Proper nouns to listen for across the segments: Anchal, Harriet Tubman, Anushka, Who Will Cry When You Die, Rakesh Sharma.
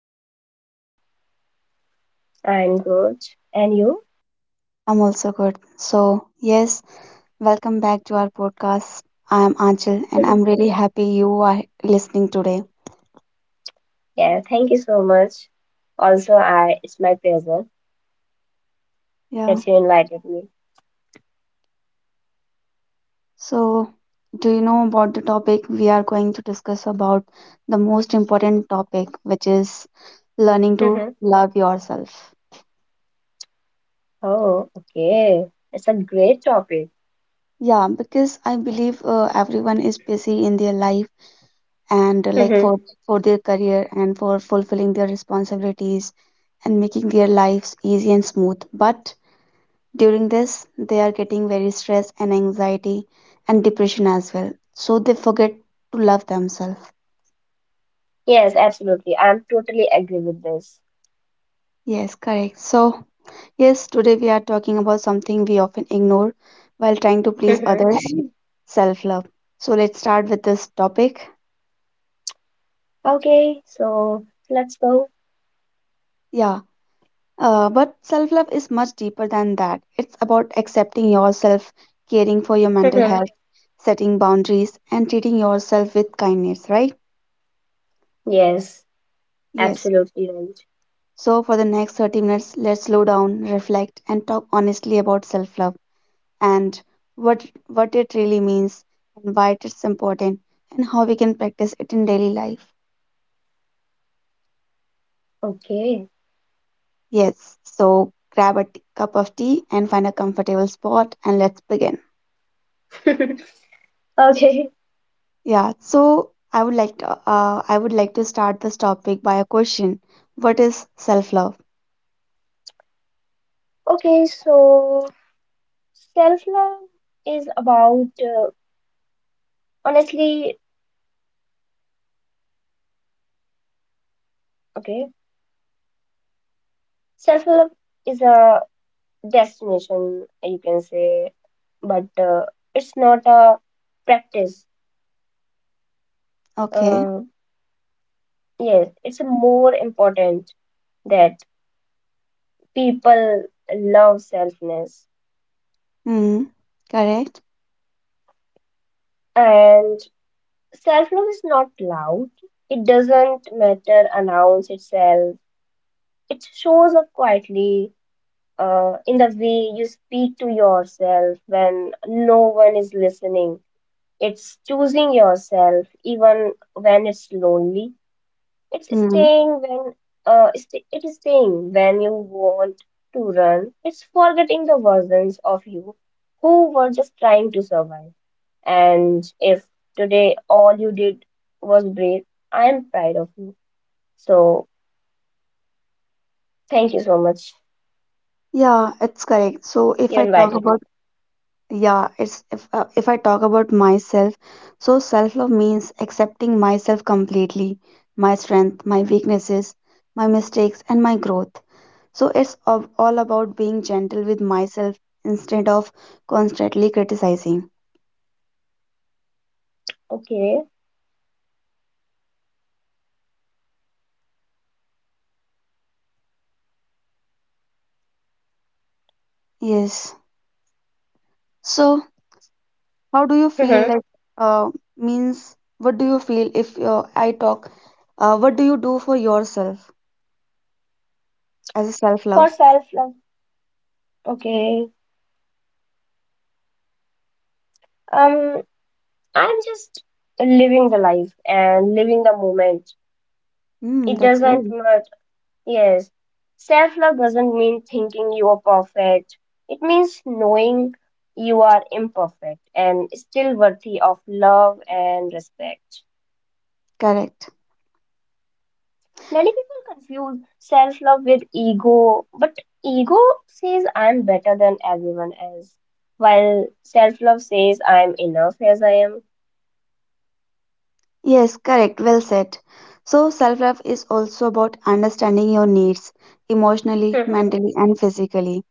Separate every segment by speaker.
Speaker 1: Anushka. How are you?
Speaker 2: I'm good. And you?
Speaker 1: I'm also good. So, yes, welcome back to our podcast. I am Anchal and I'm really happy you are listening today.
Speaker 2: Yeah, thank you so much. Also, I it's my pleasure
Speaker 1: Yeah.
Speaker 2: that you invited me.
Speaker 1: So, do you know about the topic we are going to discuss about, the most important topic, which is learning to
Speaker 2: Mhm.
Speaker 1: love yourself?
Speaker 2: Oh, okay. It's a great topic.
Speaker 1: Yeah, because I believe everyone is busy in their life, and like
Speaker 2: Mhm.
Speaker 1: for their career and for fulfilling their responsibilities and making their lives easy and smooth, but during this they are getting very stress and anxiety and depression as well, so they forget to love themselves.
Speaker 2: Yes, absolutely. I'm totally agree with this.
Speaker 1: Yes, correct. So yes, today we are talking about something we often ignore while trying to please
Speaker 2: Mhm.
Speaker 1: others. Self love. So let's start with this topic.
Speaker 2: Okay, so let's go.
Speaker 1: Yeah. But self love is much deeper than that. It's about accepting yourself, caring for your mental
Speaker 2: Mhm.
Speaker 1: health, setting boundaries, and treating yourself with kindness, right?
Speaker 2: Yes,
Speaker 1: Yes.
Speaker 2: absolutely right.
Speaker 1: So, for the next 30 minutes, let's slow down, reflect, and talk honestly about self love, and what it really means, and why it's important, and how we can practice it in daily life.
Speaker 2: Okay.
Speaker 1: Yes. So, grab a cup of tea and find a comfortable spot, and let's begin.
Speaker 2: Okay.
Speaker 1: Yeah, so I would like to start this topic by a question. What is self-love?
Speaker 2: Okay, so self-love is about honestly, okay. Self-love is a destination, you can say, but it's not a practice.
Speaker 1: Okay.
Speaker 2: Uh, yes, it's more important that people love selfness.
Speaker 1: Hmm. Correct.
Speaker 2: And self love is not loud, it doesn't matter, announce itself. It shows up quietly in the way you speak to yourself when no one is listening. It's choosing yourself even when it's lonely. It's
Speaker 1: Hmm.
Speaker 2: staying when it is staying when you want to run. It's forgetting the versions of you who were just trying to survive. And if today all you did was breathe, I'm proud of you. So thank you so much.
Speaker 1: Yeah, it's correct. So if
Speaker 2: You
Speaker 1: I talk
Speaker 2: invited me.
Speaker 1: about, yeah, it's if I talk about myself, so self-love means accepting myself completely, my strength, my weaknesses, my mistakes, and my growth. So it's all about being gentle with myself instead of constantly criticizing.
Speaker 2: Okay.
Speaker 1: Yes. So, how do you feel
Speaker 2: Mhm.
Speaker 1: like, uh, means what do you feel if I talk? What do you do for yourself as a self love?
Speaker 2: For self-love. Okay. Um, I'm just living the life and living the moment.
Speaker 1: Hmm,
Speaker 2: It
Speaker 1: that's
Speaker 2: doesn't
Speaker 1: great.
Speaker 2: matter. Yes, self love doesn't mean thinking you are perfect. It means knowing you are imperfect and still worthy of love and respect.
Speaker 1: Correct.
Speaker 2: Many people confuse self love with ego, but ego says I'm better than everyone else, while self love says I'm enough as I am.
Speaker 1: Yes, correct. Well said. So, self love is also about understanding your needs emotionally, mentally, and physically.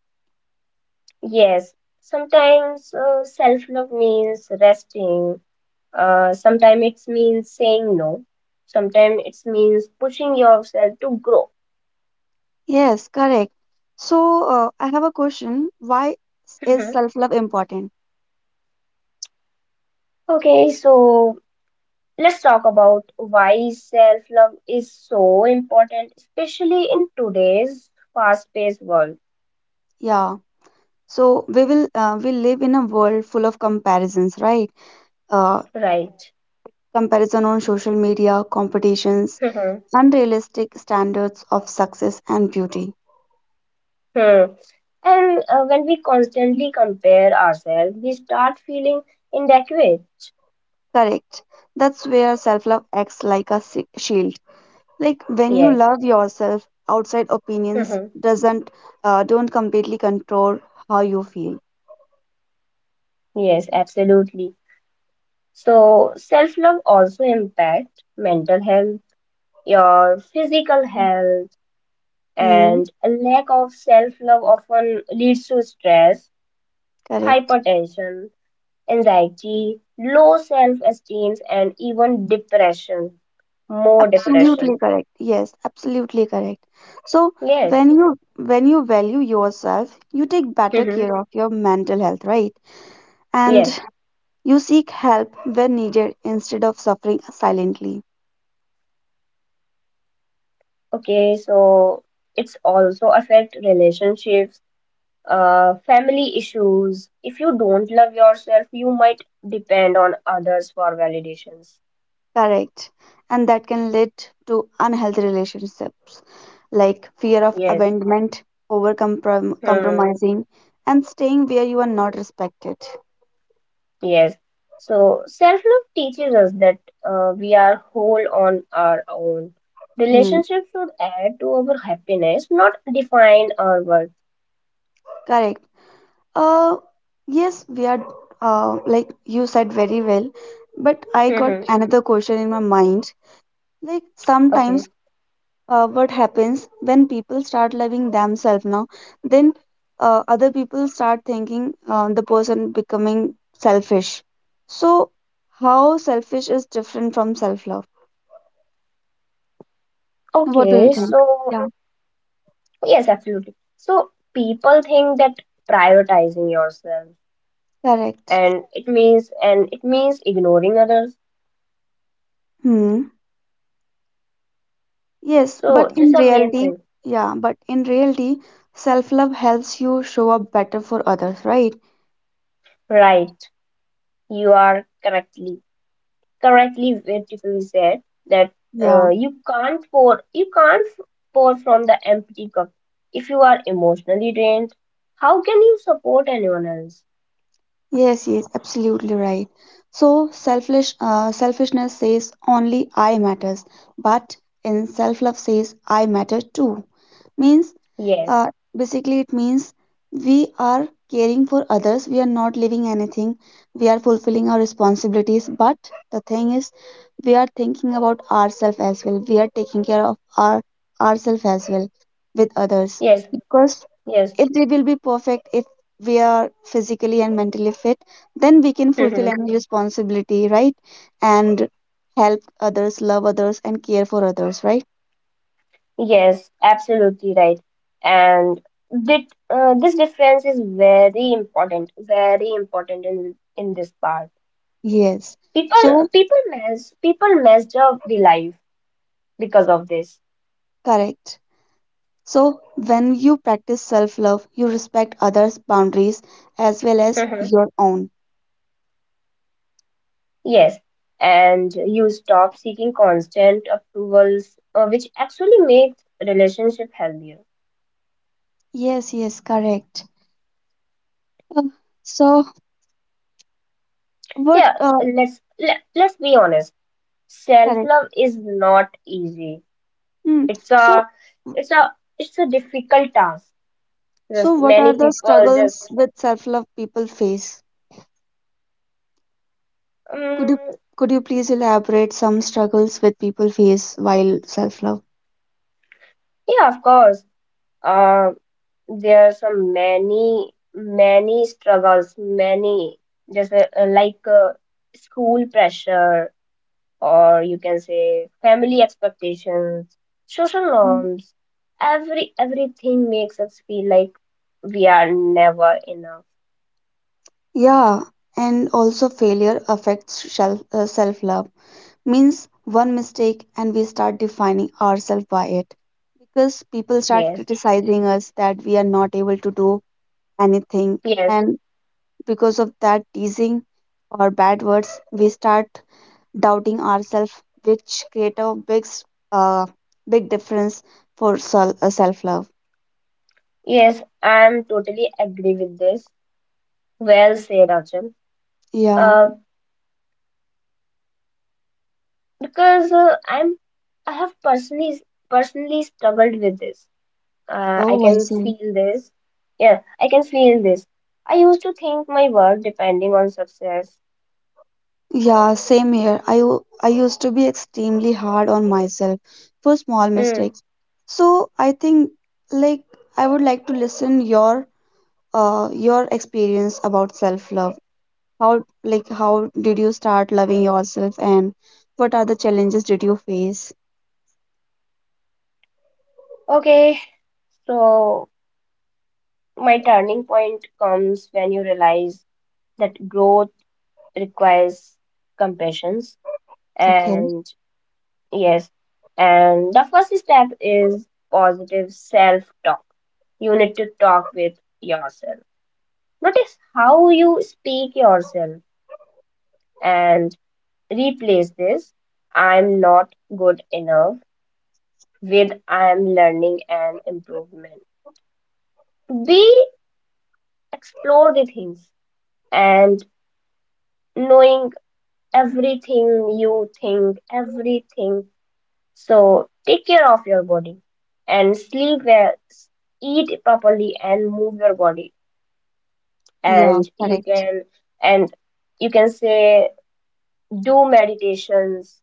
Speaker 2: Yes, sometimes self love means resting. Sometimes it means saying no. Sometimes it means pushing yourself to grow.
Speaker 1: Yes, correct. So, I have a question. Why is
Speaker 2: Mhm.
Speaker 1: self love important?
Speaker 2: Okay, so let's talk about why self-love is so important, especially in today's fast-paced world,
Speaker 1: Yeah. So, we will we live in a world full of comparisons, right? Uh,
Speaker 2: right?
Speaker 1: Comparison on social media, competitions,
Speaker 2: Mhm.
Speaker 1: unrealistic standards of success and beauty.
Speaker 2: Hmm. And when we constantly compare ourselves, we start feeling inadequate.
Speaker 1: Correct. That's where self love acts like a shield. Like when you
Speaker 2: Yes,
Speaker 1: love yourself, outside opinions
Speaker 2: Mhm.
Speaker 1: doesn't don't completely control how you feel.
Speaker 2: Yes, absolutely. So self-love also impacts mental health, your physical health,
Speaker 1: Hmm,
Speaker 2: and a lack of self love often leads to stress,
Speaker 1: correct.
Speaker 2: hypertension, anxiety, low self esteem, and even depression. More
Speaker 1: Absolutely
Speaker 2: depression.
Speaker 1: correct. Yes, absolutely correct. So
Speaker 2: Yes.
Speaker 1: when you value yourself, you take better care
Speaker 2: Hmm.
Speaker 1: of your mental health, right? And
Speaker 2: Yes.
Speaker 1: you seek help when needed instead of suffering silently.
Speaker 2: Okay. So it's also affect relationships, family issues. If you don't love yourself, you might depend on others for validations.
Speaker 1: Correct. And that can lead to unhealthy relationships like fear of
Speaker 2: Yes.
Speaker 1: abandonment, over
Speaker 2: Hmm.
Speaker 1: compromising, and staying where you are not respected.
Speaker 2: Yes. So self-love teaches us that we are whole on our own.
Speaker 1: Hmm.
Speaker 2: Relationships should add to our happiness, not define our worth.
Speaker 1: Correct. Uh, yes, we are, like you said very well, but I got
Speaker 2: Hmm.
Speaker 1: another question in my mind. Like
Speaker 2: Okay.
Speaker 1: sometimes, what happens when people start loving themselves now, then other people start thinking the person becoming selfish, so how selfish is different from self love? What do you
Speaker 2: Okay.
Speaker 1: think?
Speaker 2: So
Speaker 1: Yeah.
Speaker 2: yes, absolutely. So people think that prioritizing yourself
Speaker 1: Correct.
Speaker 2: and it means ignoring others.
Speaker 1: Hmm. Yes, but
Speaker 2: So that's
Speaker 1: in
Speaker 2: the main
Speaker 1: reality,
Speaker 2: thing.
Speaker 1: yeah, but in reality self love helps you show up better for others, right?
Speaker 2: Right. You are correctly beautifully said that
Speaker 1: Yeah.
Speaker 2: you can't pour from the empty cup. If you are emotionally drained, how can you support anyone else?
Speaker 1: Yes, yes, absolutely right. So selfish, selfishness says only I matters, but in self-love says I matter too. Means,
Speaker 2: Yes,
Speaker 1: basically, it means we are caring for others. We are not leaving anything. We are fulfilling our responsibilities. But the thing is, we are thinking about ourselves as well. We are taking care of ourselves as well, with others,
Speaker 2: yes,
Speaker 1: because
Speaker 2: yes.
Speaker 1: if they will be perfect, if we are physically and mentally fit, then we can fulfill
Speaker 2: Hmm.
Speaker 1: any responsibility, right? And help others, love others, and care for others, right?
Speaker 2: Yes, absolutely right. And that this difference is very important, in this part.
Speaker 1: Yes.
Speaker 2: people
Speaker 1: So,
Speaker 2: people mess people messed up the life because of this.
Speaker 1: correct. So, when you practice self love, you respect others' boundaries as well as your own.
Speaker 2: Yes, and you stop seeking constant approvals, which actually makes relationship healthier.
Speaker 1: Yes, yes, correct. Uh, so, what,
Speaker 2: Yeah, let's be honest.
Speaker 1: correct.
Speaker 2: Self-love is not easy.
Speaker 1: Hmm.
Speaker 2: It's
Speaker 1: So,
Speaker 2: a it's a it's a difficult task.
Speaker 1: so
Speaker 2: There's
Speaker 1: what are
Speaker 2: many
Speaker 1: the
Speaker 2: people
Speaker 1: struggles
Speaker 2: just
Speaker 1: with self love people face? Could you
Speaker 2: um,
Speaker 1: please elaborate some struggles with people face while self love?
Speaker 2: yeah, of course. Uh, there are some many struggles, many just like school pressure or you can say family expectations, social norms, everything makes us feel like we are never enough.
Speaker 1: Yeah, and also failure affects self self love, means one mistake and we start defining ourselves by it because people start
Speaker 2: Yes,
Speaker 1: criticizing us that we are not able to do anything,
Speaker 2: yes,
Speaker 1: and because of that teasing or bad words we start doubting ourselves, which create a uh, big difference for self self love.
Speaker 2: yes, I'm totally agree with this. Well said, Arjun.
Speaker 1: Yeah.
Speaker 2: Uh, because I have personally struggled with this. I
Speaker 1: Oh, I
Speaker 2: can
Speaker 1: see.
Speaker 2: feel this. Yeah, I can feel this. I used to think my worth depending on success.
Speaker 1: Yeah, same here. I used to be extremely hard on myself for small
Speaker 2: Hmm.
Speaker 1: mistakes. So I think, like, I would like to listen your experience about self-love. How, like how did you start loving yourself and what are the challenges did you face?
Speaker 2: Okay, so my turning point comes when you realize that growth requires compassions,
Speaker 1: Okay.
Speaker 2: and yes, and the first step is positive self-talk. You need to talk with yourself. Notice how you speak yourself and replace this I'm not good enough with I'm learning and improvement. We explore the things and knowing everything you think, everything. So take care of your body and sleep well, eat properly and move your body.
Speaker 1: Yeah,
Speaker 2: And you
Speaker 1: correct.
Speaker 2: can and you can say do meditations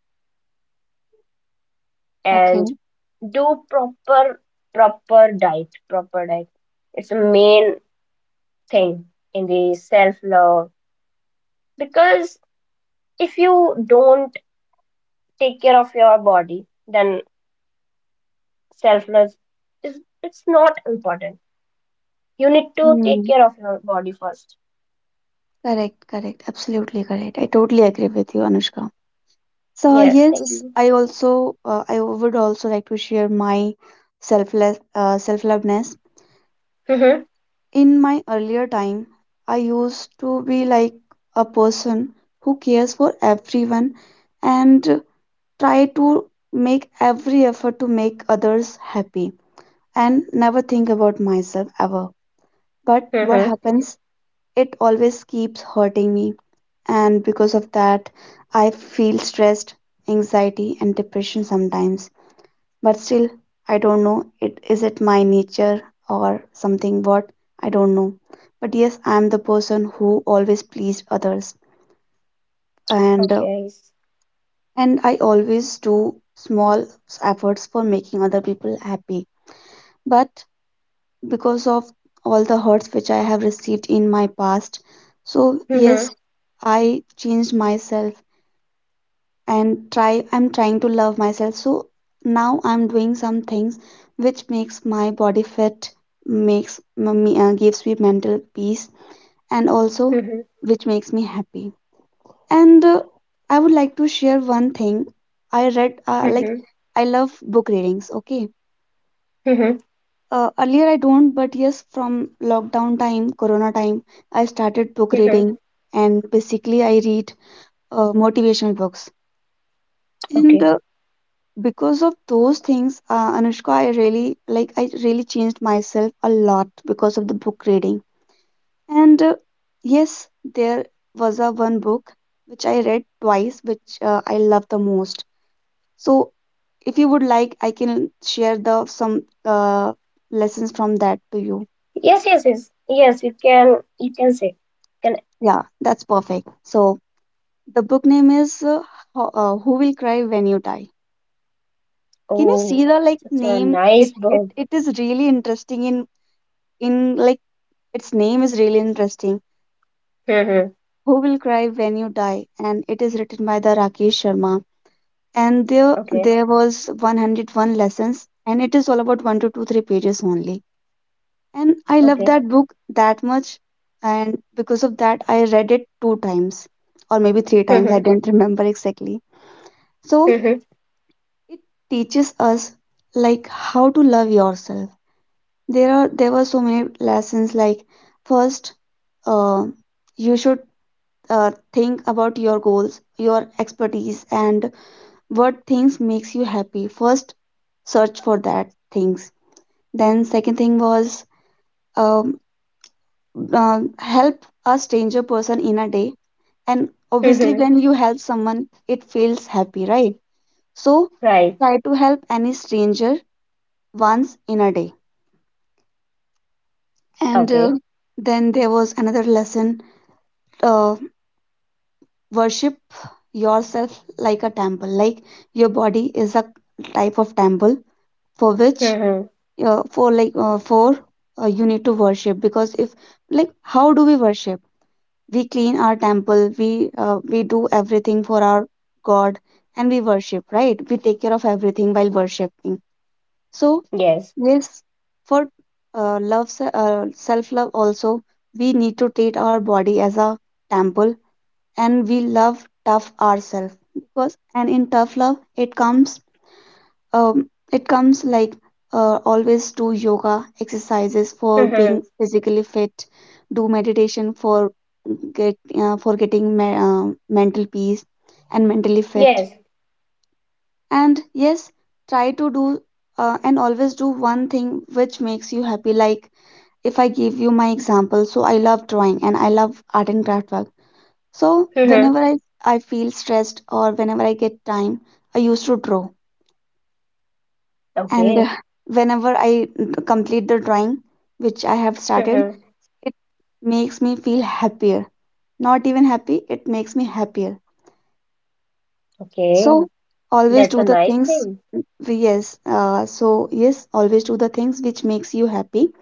Speaker 1: Okay.
Speaker 2: and do proper diet, proper diet. It's a main thing in the self love because if you don't take care of your body, then self love is it's not important. You need to take
Speaker 1: Hmm.
Speaker 2: care of your body first.
Speaker 1: Correct, correct. Absolutely correct. I totally agree with you, Anushka. So
Speaker 2: Yeah. Thank
Speaker 1: yes,
Speaker 2: you.
Speaker 1: I also I would also like to share my selfless self-loveness.
Speaker 2: Mm-hmm.
Speaker 1: In my earlier time, I used to be like a person who cares for everyone and try to make every effort to make others happy and never think about myself ever. But what
Speaker 2: Mm-hmm.
Speaker 1: happens, it always keeps hurting me. And because of that, I feel stressed, anxiety, and depression sometimes. But still, I don't know. It is it my nature or something? What, I don't know. But yes, I am the person who always pleased others, and uh,
Speaker 2: Okay.
Speaker 1: and I always do small efforts for making other people happy. But because of all the hurts which I have received in my past. So, yes,
Speaker 2: Mm-hmm.
Speaker 1: I changed myself and try I'm trying to love myself. So, now I'm doing some things which makes my body fit, makes m- me gives me mental peace, and also
Speaker 2: Mm-hmm.
Speaker 1: which makes me happy. And I would like to share one thing. I read uh, like
Speaker 2: Mm-hmm.
Speaker 1: I love book readings, okay?
Speaker 2: Mm-hmm.
Speaker 1: Earlier I don't, but yes, from lockdown time, corona time, I started book
Speaker 2: Mm-hmm.
Speaker 1: reading, and basically I read motivational books. And
Speaker 2: Okay.
Speaker 1: because of those things, Anushka, I really changed myself a lot because of the book reading. And yes, there was a one book which I read twice, which I love the most. So if you would like, I can share the some lessons from that to you.
Speaker 2: Yes, yes, yes. Yes, you can say. Can
Speaker 1: Yeah, that's perfect. So the book name is Who Will Cry When You Die. Can you see
Speaker 2: Oh,
Speaker 1: the like
Speaker 2: such a
Speaker 1: name?
Speaker 2: nice
Speaker 1: It it
Speaker 2: book.
Speaker 1: it is really interesting in in like its name is really interesting.
Speaker 2: Mm-hmm.
Speaker 1: Who Will Cry When You Die, and it is written by the Rakesh Sharma. And there
Speaker 2: Okay.
Speaker 1: there was 101 lessons, and it is all about one to two three pages only. And I love
Speaker 2: Okay.
Speaker 1: that book that much, and because of that, I read it two times, or maybe three times. I
Speaker 2: Mm-hmm.
Speaker 1: don't remember exactly. So
Speaker 2: Mm-hmm.
Speaker 1: it teaches us, like, how to love yourself. There were so many lessons, like first, uh, you should think about your goals, your expertise, and what things makes you happy. First, search for that things. Then second thing was um, help a stranger person in a day, and obviously
Speaker 2: Mm-hmm.
Speaker 1: when you help someone it feels happy, right? So
Speaker 2: Right.
Speaker 1: try to help any stranger once in a day. And
Speaker 2: Okay.
Speaker 1: then there was another lesson, uh, worship yourself like a temple, like your body is a type of temple for which,
Speaker 2: Mm-hmm.
Speaker 1: for like, for you need to worship. Because, if, like, how do we worship? We clean our temple, we do everything for our God, and we worship, right? We take care of everything while worshiping. So,
Speaker 2: Yes.
Speaker 1: yes, for self-love also, we need to treat our body as a temple, and we love tough ourselves because, and in tough love, it comes like, always do yoga exercises for
Speaker 2: Mm-hmm.
Speaker 1: being physically fit, do meditation for getting mental peace and mentally fit,
Speaker 2: Yes.
Speaker 1: and yes, try to do, and always do one thing which makes you happy, like if I give you my example, so I love drawing and I love art and craft work. So
Speaker 2: Mm-hmm.
Speaker 1: whenever I feel stressed or whenever I get time, I used to draw. And
Speaker 2: Okay.
Speaker 1: whenever I complete the drawing, which I have started,
Speaker 2: Mm-hmm.
Speaker 1: it makes me feel happier. Not even happy, it makes me happier.
Speaker 2: Okay.
Speaker 1: So always
Speaker 2: That's
Speaker 1: do
Speaker 2: a
Speaker 1: the
Speaker 2: nice
Speaker 1: things,
Speaker 2: thing.
Speaker 1: yes, so yes, always do the things which makes you happy.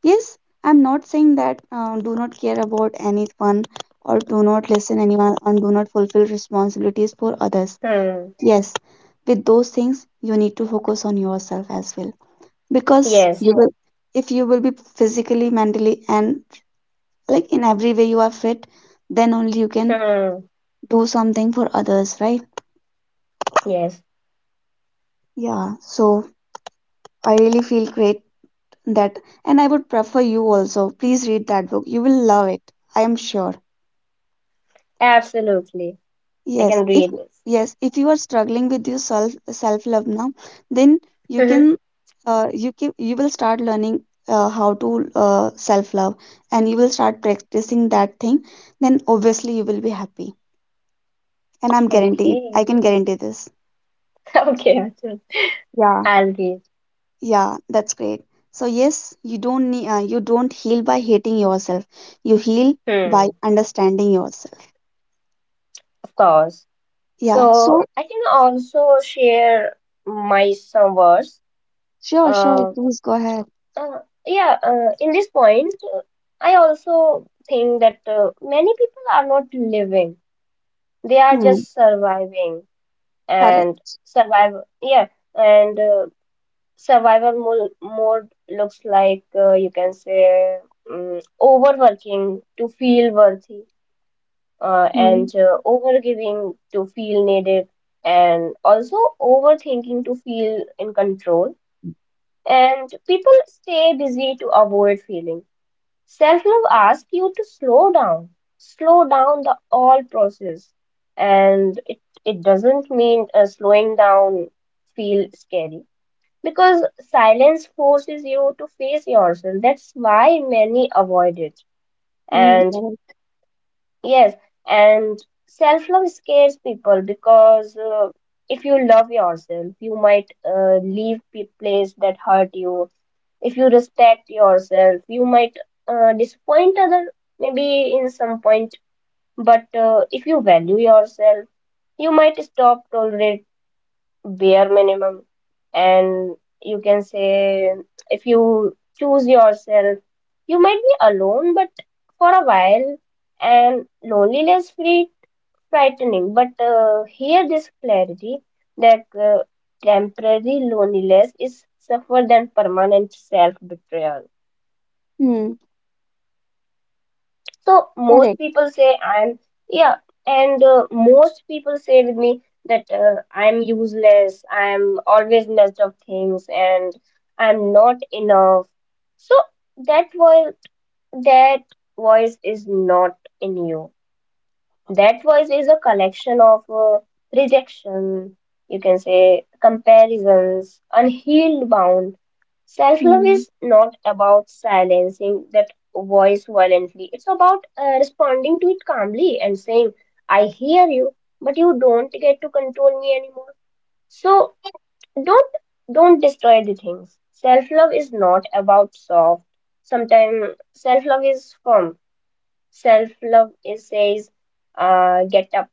Speaker 1: Yes, I'm not saying that do not care about anyone or do not listen anyone and do not fulfill responsibilities for others.
Speaker 2: Hmm.
Speaker 1: Yes, with those things you need to focus on yourself as well, because
Speaker 2: Yes.
Speaker 1: you will if you will be physically, mentally, and like in every way you are fit, then only you can
Speaker 2: Hmm.
Speaker 1: do something for others, right?
Speaker 2: Yes.
Speaker 1: Yeah, so I really feel great that, and I would prefer you also. Please read that book. You will love it. I am sure.
Speaker 2: Absolutely. I can
Speaker 1: Yes, if
Speaker 2: read this.
Speaker 1: yes, if you are struggling with your self love now, then you
Speaker 2: Mhm.
Speaker 1: can you can you will start learning how to self love, and you will start practicing that thing. Then obviously you will be happy, and I'm guaranteed. I
Speaker 2: Okay.
Speaker 1: can guarantee this.
Speaker 2: Okay. Yeah, sure.
Speaker 1: Yeah,
Speaker 2: I'll read.
Speaker 1: yeah, that's great. So yes, you don't need you don't heal by hating yourself. You heal by
Speaker 2: Hmm.
Speaker 1: understanding yourself.
Speaker 2: Of course.
Speaker 1: Yeah.
Speaker 2: So
Speaker 1: So
Speaker 2: I can also share my some words.
Speaker 1: sure, sure.
Speaker 2: Uh,
Speaker 1: Please go ahead.
Speaker 2: uh, yeah, in this point, I also think that many people are not living. They are
Speaker 1: Hmm.
Speaker 2: just surviving and
Speaker 1: Correct.
Speaker 2: survive. Yeah, and Survival mo mode looks like, you can say, overworking to feel worthy,
Speaker 1: Hmm.
Speaker 2: and overgiving to feel needed, and also overthinking to feel in control. And people stay busy to avoid feeling. Self-love asks you to slow down the all process, and it doesn't mean, slowing down feel scary because silence forces you to face yourself. That's why many avoid it.
Speaker 1: Hmm.
Speaker 2: And
Speaker 1: Correct.
Speaker 2: yes, and self love scares people because, if you love yourself, you might leave place that hurt you. If you respect yourself, you might disappoint other maybe in some point. But if you value yourself, you might stop tolerating bare minimum, and you can say if you choose yourself, you might be alone, but for a while, and loneliness free frightening, but here this clarity that temporary loneliness is suffer than permanent self betrayal.
Speaker 1: Mm,
Speaker 2: So most
Speaker 1: correct.
Speaker 2: people say I'm yeah, and most people say with me that, I'm useless, I'm always messed up things, and I'm not enough. So that voice, that voice is not in you. That voice is a collection of, rejection, you can say, comparisons, unhealed wound. Self love
Speaker 1: Mm,
Speaker 2: is not about silencing that voice violently, it's about, responding to it calmly and saying, I hear you, but you don't get to control me anymore. So don't don't destroy the things. Self love is not about soft. Sometimes self love is firm. Self love is says, get up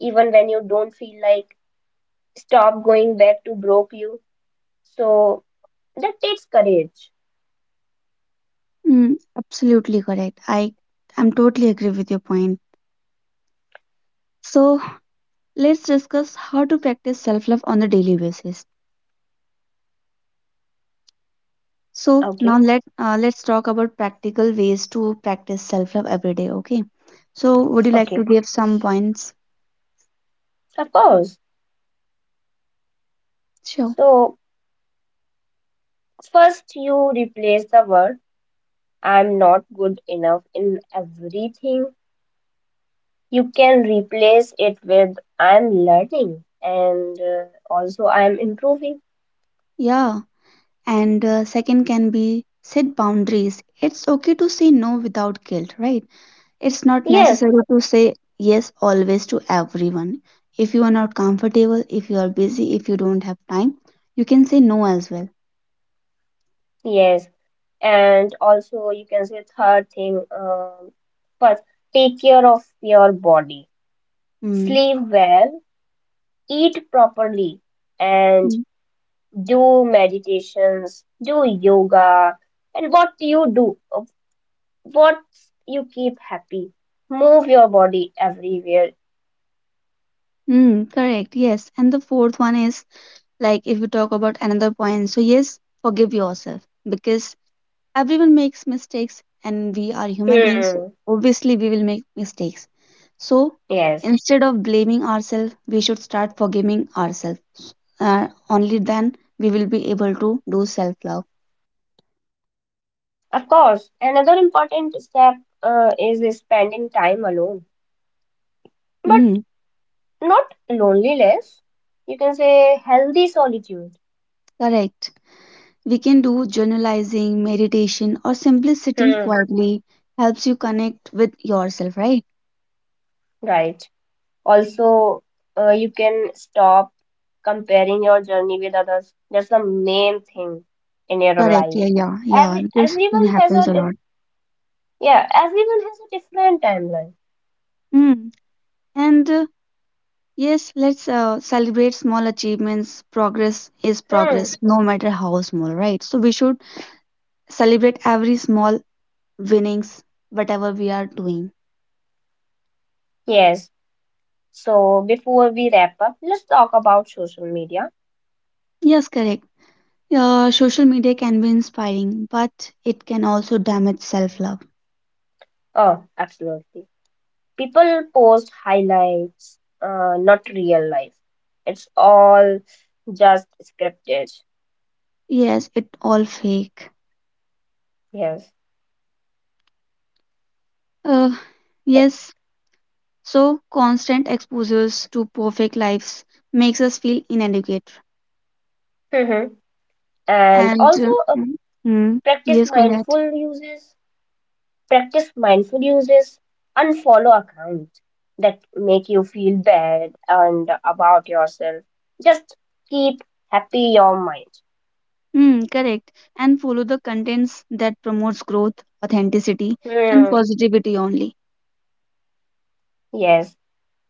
Speaker 2: even when you don't feel like. Stop going back to broke you, so that takes courage.
Speaker 1: mm, absolutely correct. I am totally agree with your point. So let's discuss how to practice self-love on a daily basis. So now
Speaker 2: Okay,
Speaker 1: let's talk about practical ways to practice self-love every day. Okay. So would you like to
Speaker 2: okay,
Speaker 1: give some points?
Speaker 2: of course.
Speaker 1: Sure.
Speaker 2: So first you replace the word I'm not good enough in everything. You can replace it with I'm learning and, also I'm improving.
Speaker 1: Yeah. And second can be set boundaries. It's okay to say no without guilt, right? It's not
Speaker 2: Yes,
Speaker 1: necessary to say yes always to everyone. If you are not comfortable, if you are busy, if you don't have time, you can say no as well.
Speaker 2: yes, and also you can say third thing, first take care of your body,
Speaker 1: Mm.
Speaker 2: sleep well, eat properly, and
Speaker 1: Mm,
Speaker 2: do meditations, do yoga, and what you do, what you keep happy. Move your body everywhere.
Speaker 1: Mm, correct. Yes. And the fourth one is like if you talk about another point. So, yes, forgive yourself because everyone makes mistakes and we are human beings. So
Speaker 2: Hmm.
Speaker 1: obviously, we will make mistakes. So,
Speaker 2: Yes,
Speaker 1: instead of blaming ourselves, we should start forgiving ourselves. Only then we will be able to do self love.
Speaker 2: of course. Another important step, is spending time alone, but
Speaker 1: Mm,
Speaker 2: not loneliness. You can say healthy solitude.
Speaker 1: correct. We can do journalizing, meditation, or simply sitting
Speaker 2: Hmm.
Speaker 1: quietly helps you connect with yourself, right?
Speaker 2: Right. Also, you can stop comparing your journey with others. That's the main thing in your
Speaker 1: Correct.
Speaker 2: life.
Speaker 1: Yeah, yeah, yeah.
Speaker 2: Every
Speaker 1: This thing
Speaker 2: everyone has
Speaker 1: happens
Speaker 2: a
Speaker 1: a
Speaker 2: di-
Speaker 1: lot.
Speaker 2: Yeah, everyone has a different timeline.
Speaker 1: Mm. And yes, let's celebrate small achievements. Progress is
Speaker 2: Hmm.
Speaker 1: progress, no matter how small, right? So we should celebrate every small winnings, whatever we are doing.
Speaker 2: Yes. So before we wrap up, let's talk about social media.
Speaker 1: Yes, correct. Social media can be inspiring, but it can also damage self love.
Speaker 2: Oh, absolutely. People post highlights, not real life. It's all just scripted.
Speaker 1: Yes, it all fake.
Speaker 2: Yes.
Speaker 1: Uh, yes, so constant exposures to perfect lives makes us feel inadequate.
Speaker 2: Mhm. And
Speaker 1: And
Speaker 2: also,
Speaker 1: mm,
Speaker 2: practice
Speaker 1: yes, go ahead.
Speaker 2: mindful uses. Practice mindful uses. Unfollow accounts that make you feel bad and about yourself. Just keep happy your mind.
Speaker 1: Mm, correct. And follow the contents that promotes growth, authenticity, and
Speaker 2: Hmm.
Speaker 1: positivity only.
Speaker 2: Yes.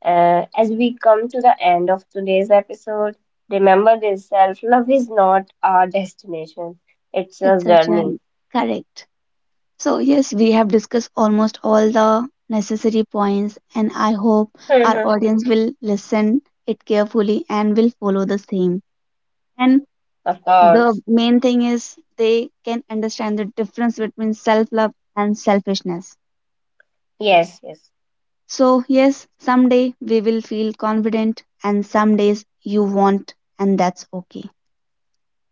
Speaker 2: As we come to the end of today's episode, remember this: self-love is not our destination; it's a
Speaker 1: It's such
Speaker 2: journey.
Speaker 1: an correct. So yes, we have discussed almost all the necessary points, and I hope our
Speaker 2: Mhm.
Speaker 1: audience will listen it carefully and will follow the same. And
Speaker 2: Of course.
Speaker 1: the main thing is they can understand the difference between self love and selfishness.
Speaker 2: Yes. Yes.
Speaker 1: So, yes, someday we will feel confident, and some days you won't, and that's okay.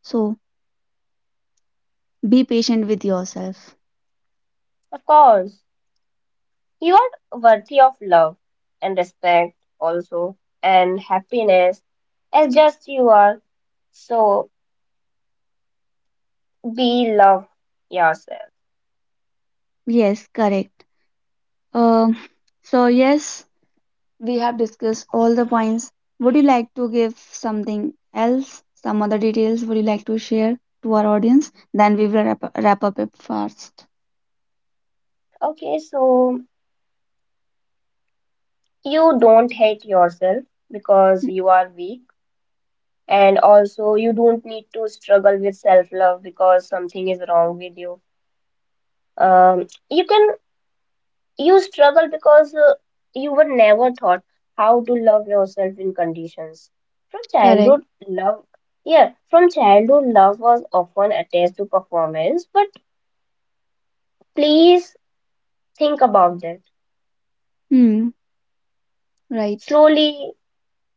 Speaker 1: So, be patient with yourself.
Speaker 2: Of course. You are worthy of love and respect, also, and happiness as just you are. So be love yourself.
Speaker 1: Yes, correct. Um, so, yes, we have discussed all the points. Would you like to give something else? Some other details would you like to share to our audience? Then we will wrap up it fast.
Speaker 2: Okay, so you don't hate yourself because you are weak, and also you don't need to struggle with self love because something is wrong with you. You can You struggle because, you were never taught how to love yourself in conditions. From
Speaker 1: Correct.
Speaker 2: childhood, love, yeah, from childhood, love was often attached to performance, but please think about that.
Speaker 1: Hmm. Right.
Speaker 2: Slowly,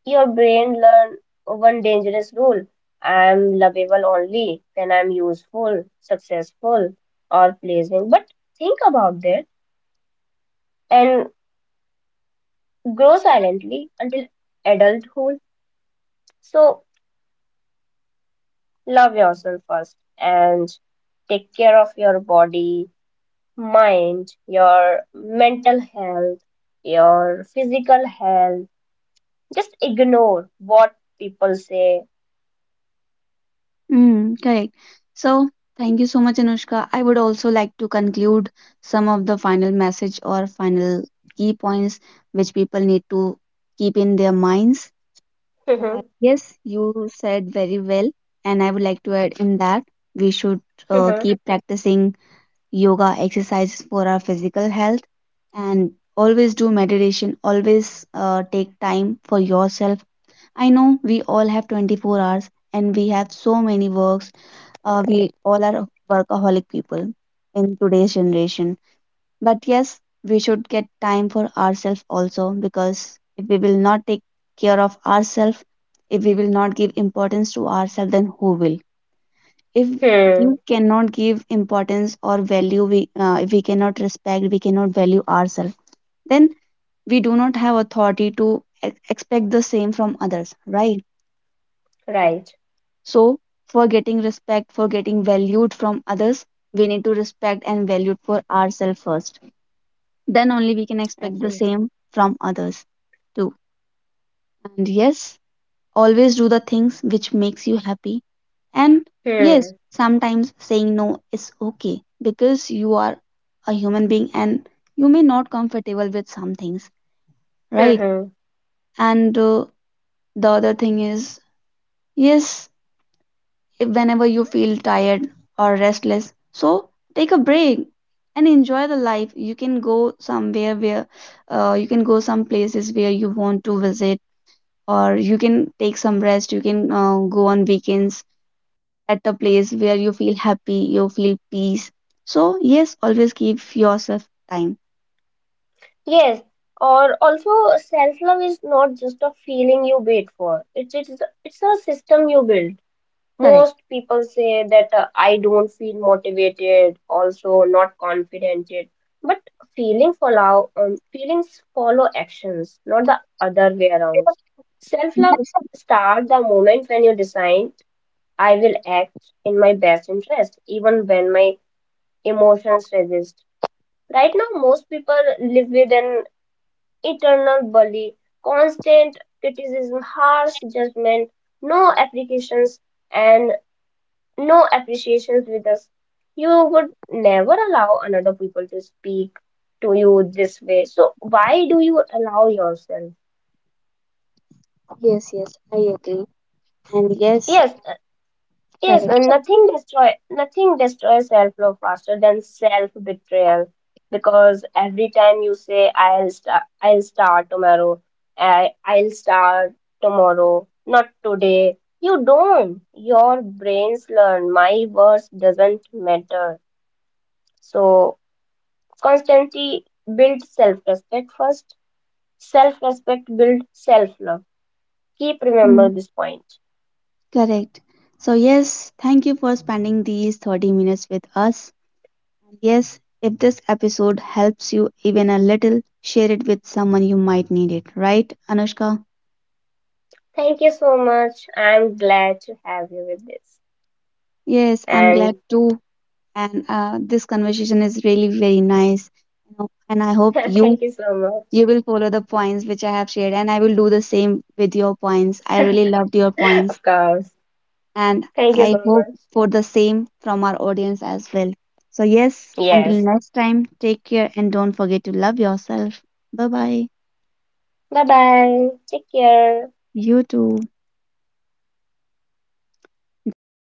Speaker 2: your brain learn one dangerous rule. I am lovable only when I'm useful, successful, or pleasing. But think about that and grow silently until adulthood. So love yourself first and take care of your body, mind, your mental health, your physical health. Just ignore what people say.
Speaker 1: Hmm. Correct. So thank you so much, Anushka. I would also like to conclude some of the final message or final key points which people need to keep in their minds. Yes, you said very well, and I would like to add in that we should
Speaker 2: Mhm, mhm,
Speaker 1: keep practicing yoga exercises for our physical health, and always do meditation, always take time for yourself. I know we all have 24 hours and we have so many works. We all are workaholic people in today's generation, but yes, we should get time for ourselves also, because if we will not take care of ourselves, if we will not give importance to ourselves, then who will? If
Speaker 2: hmm,
Speaker 1: we cannot give importance or value we if we cannot respect, we cannot value ourselves, then we do not have authority to expect the same from others, right?
Speaker 2: right,
Speaker 1: So for getting respect, for getting valued from others, we need to respect and value for ourselves first. Then only we can expect the
Speaker 2: absolutely.
Speaker 1: same from others too. And yes, always do the things which makes you happy. And yes,
Speaker 2: Hmm,
Speaker 1: sometimes saying no is okay because you are a human being and you may not comfortable with some things, right?
Speaker 2: mhm.
Speaker 1: And the other thing is, yes, if whenever you feel tired or restless, so take a break and enjoy the life. You can go somewhere where you can go some places where you want to visit, or you can take some rest. You can go on weekends at a place where you feel happy, you feel peace. So, yes, always give yourself time.
Speaker 2: Yes, or also self love is not just a feeling you wait for. It's a system you build.
Speaker 1: Correct.
Speaker 2: Most people say that, I don't feel motivated, also not confident yet." But feelings follow actions, not the other way around. Self-love
Speaker 1: Yes,
Speaker 2: start the moment when you decide, I will act in my best interest, even when my emotions resist. Right now, most people live with an eternal bully, constant criticism, harsh judgment, no applications, and no appreciations with us. You would never allow another people to speak to you this way. So why do you allow yourself?
Speaker 1: yes, yes, I agree. And yes,
Speaker 2: Yes, uh, yes, and
Speaker 1: correct.
Speaker 2: nothing destroys self love faster than self betrayal because every time you say I'll start tomorrow, I'll start tomorrow, not today. You don't. Your brains learn. My words doesn't matter. So constantly build self respect first. Self respect build self love. Keep remember
Speaker 1: Mm,
Speaker 2: this point.
Speaker 1: correct. So, yes, thank you for spending these 30 minutes with us. Yes, if this episode helps you even a little, share it with someone you might need it, right, Anushka?
Speaker 2: Thank you so much. I'm glad to have you with this.
Speaker 1: Yes, I'm glad
Speaker 2: And
Speaker 1: too. And this conversation is really very nice. You know, and I hope you
Speaker 2: thank you so
Speaker 1: You
Speaker 2: much.
Speaker 1: will follow the points which I have shared, and I will do the same with your points. I really loved your points,
Speaker 2: Of course.
Speaker 1: and
Speaker 2: Thank you so
Speaker 1: I hope
Speaker 2: much.
Speaker 1: for the same from our audience as well. So, yes, until
Speaker 2: Yes.
Speaker 1: next time, take care and don't forget to love yourself. Bye bye.
Speaker 2: Bye bye. Take care.
Speaker 1: You too. Done.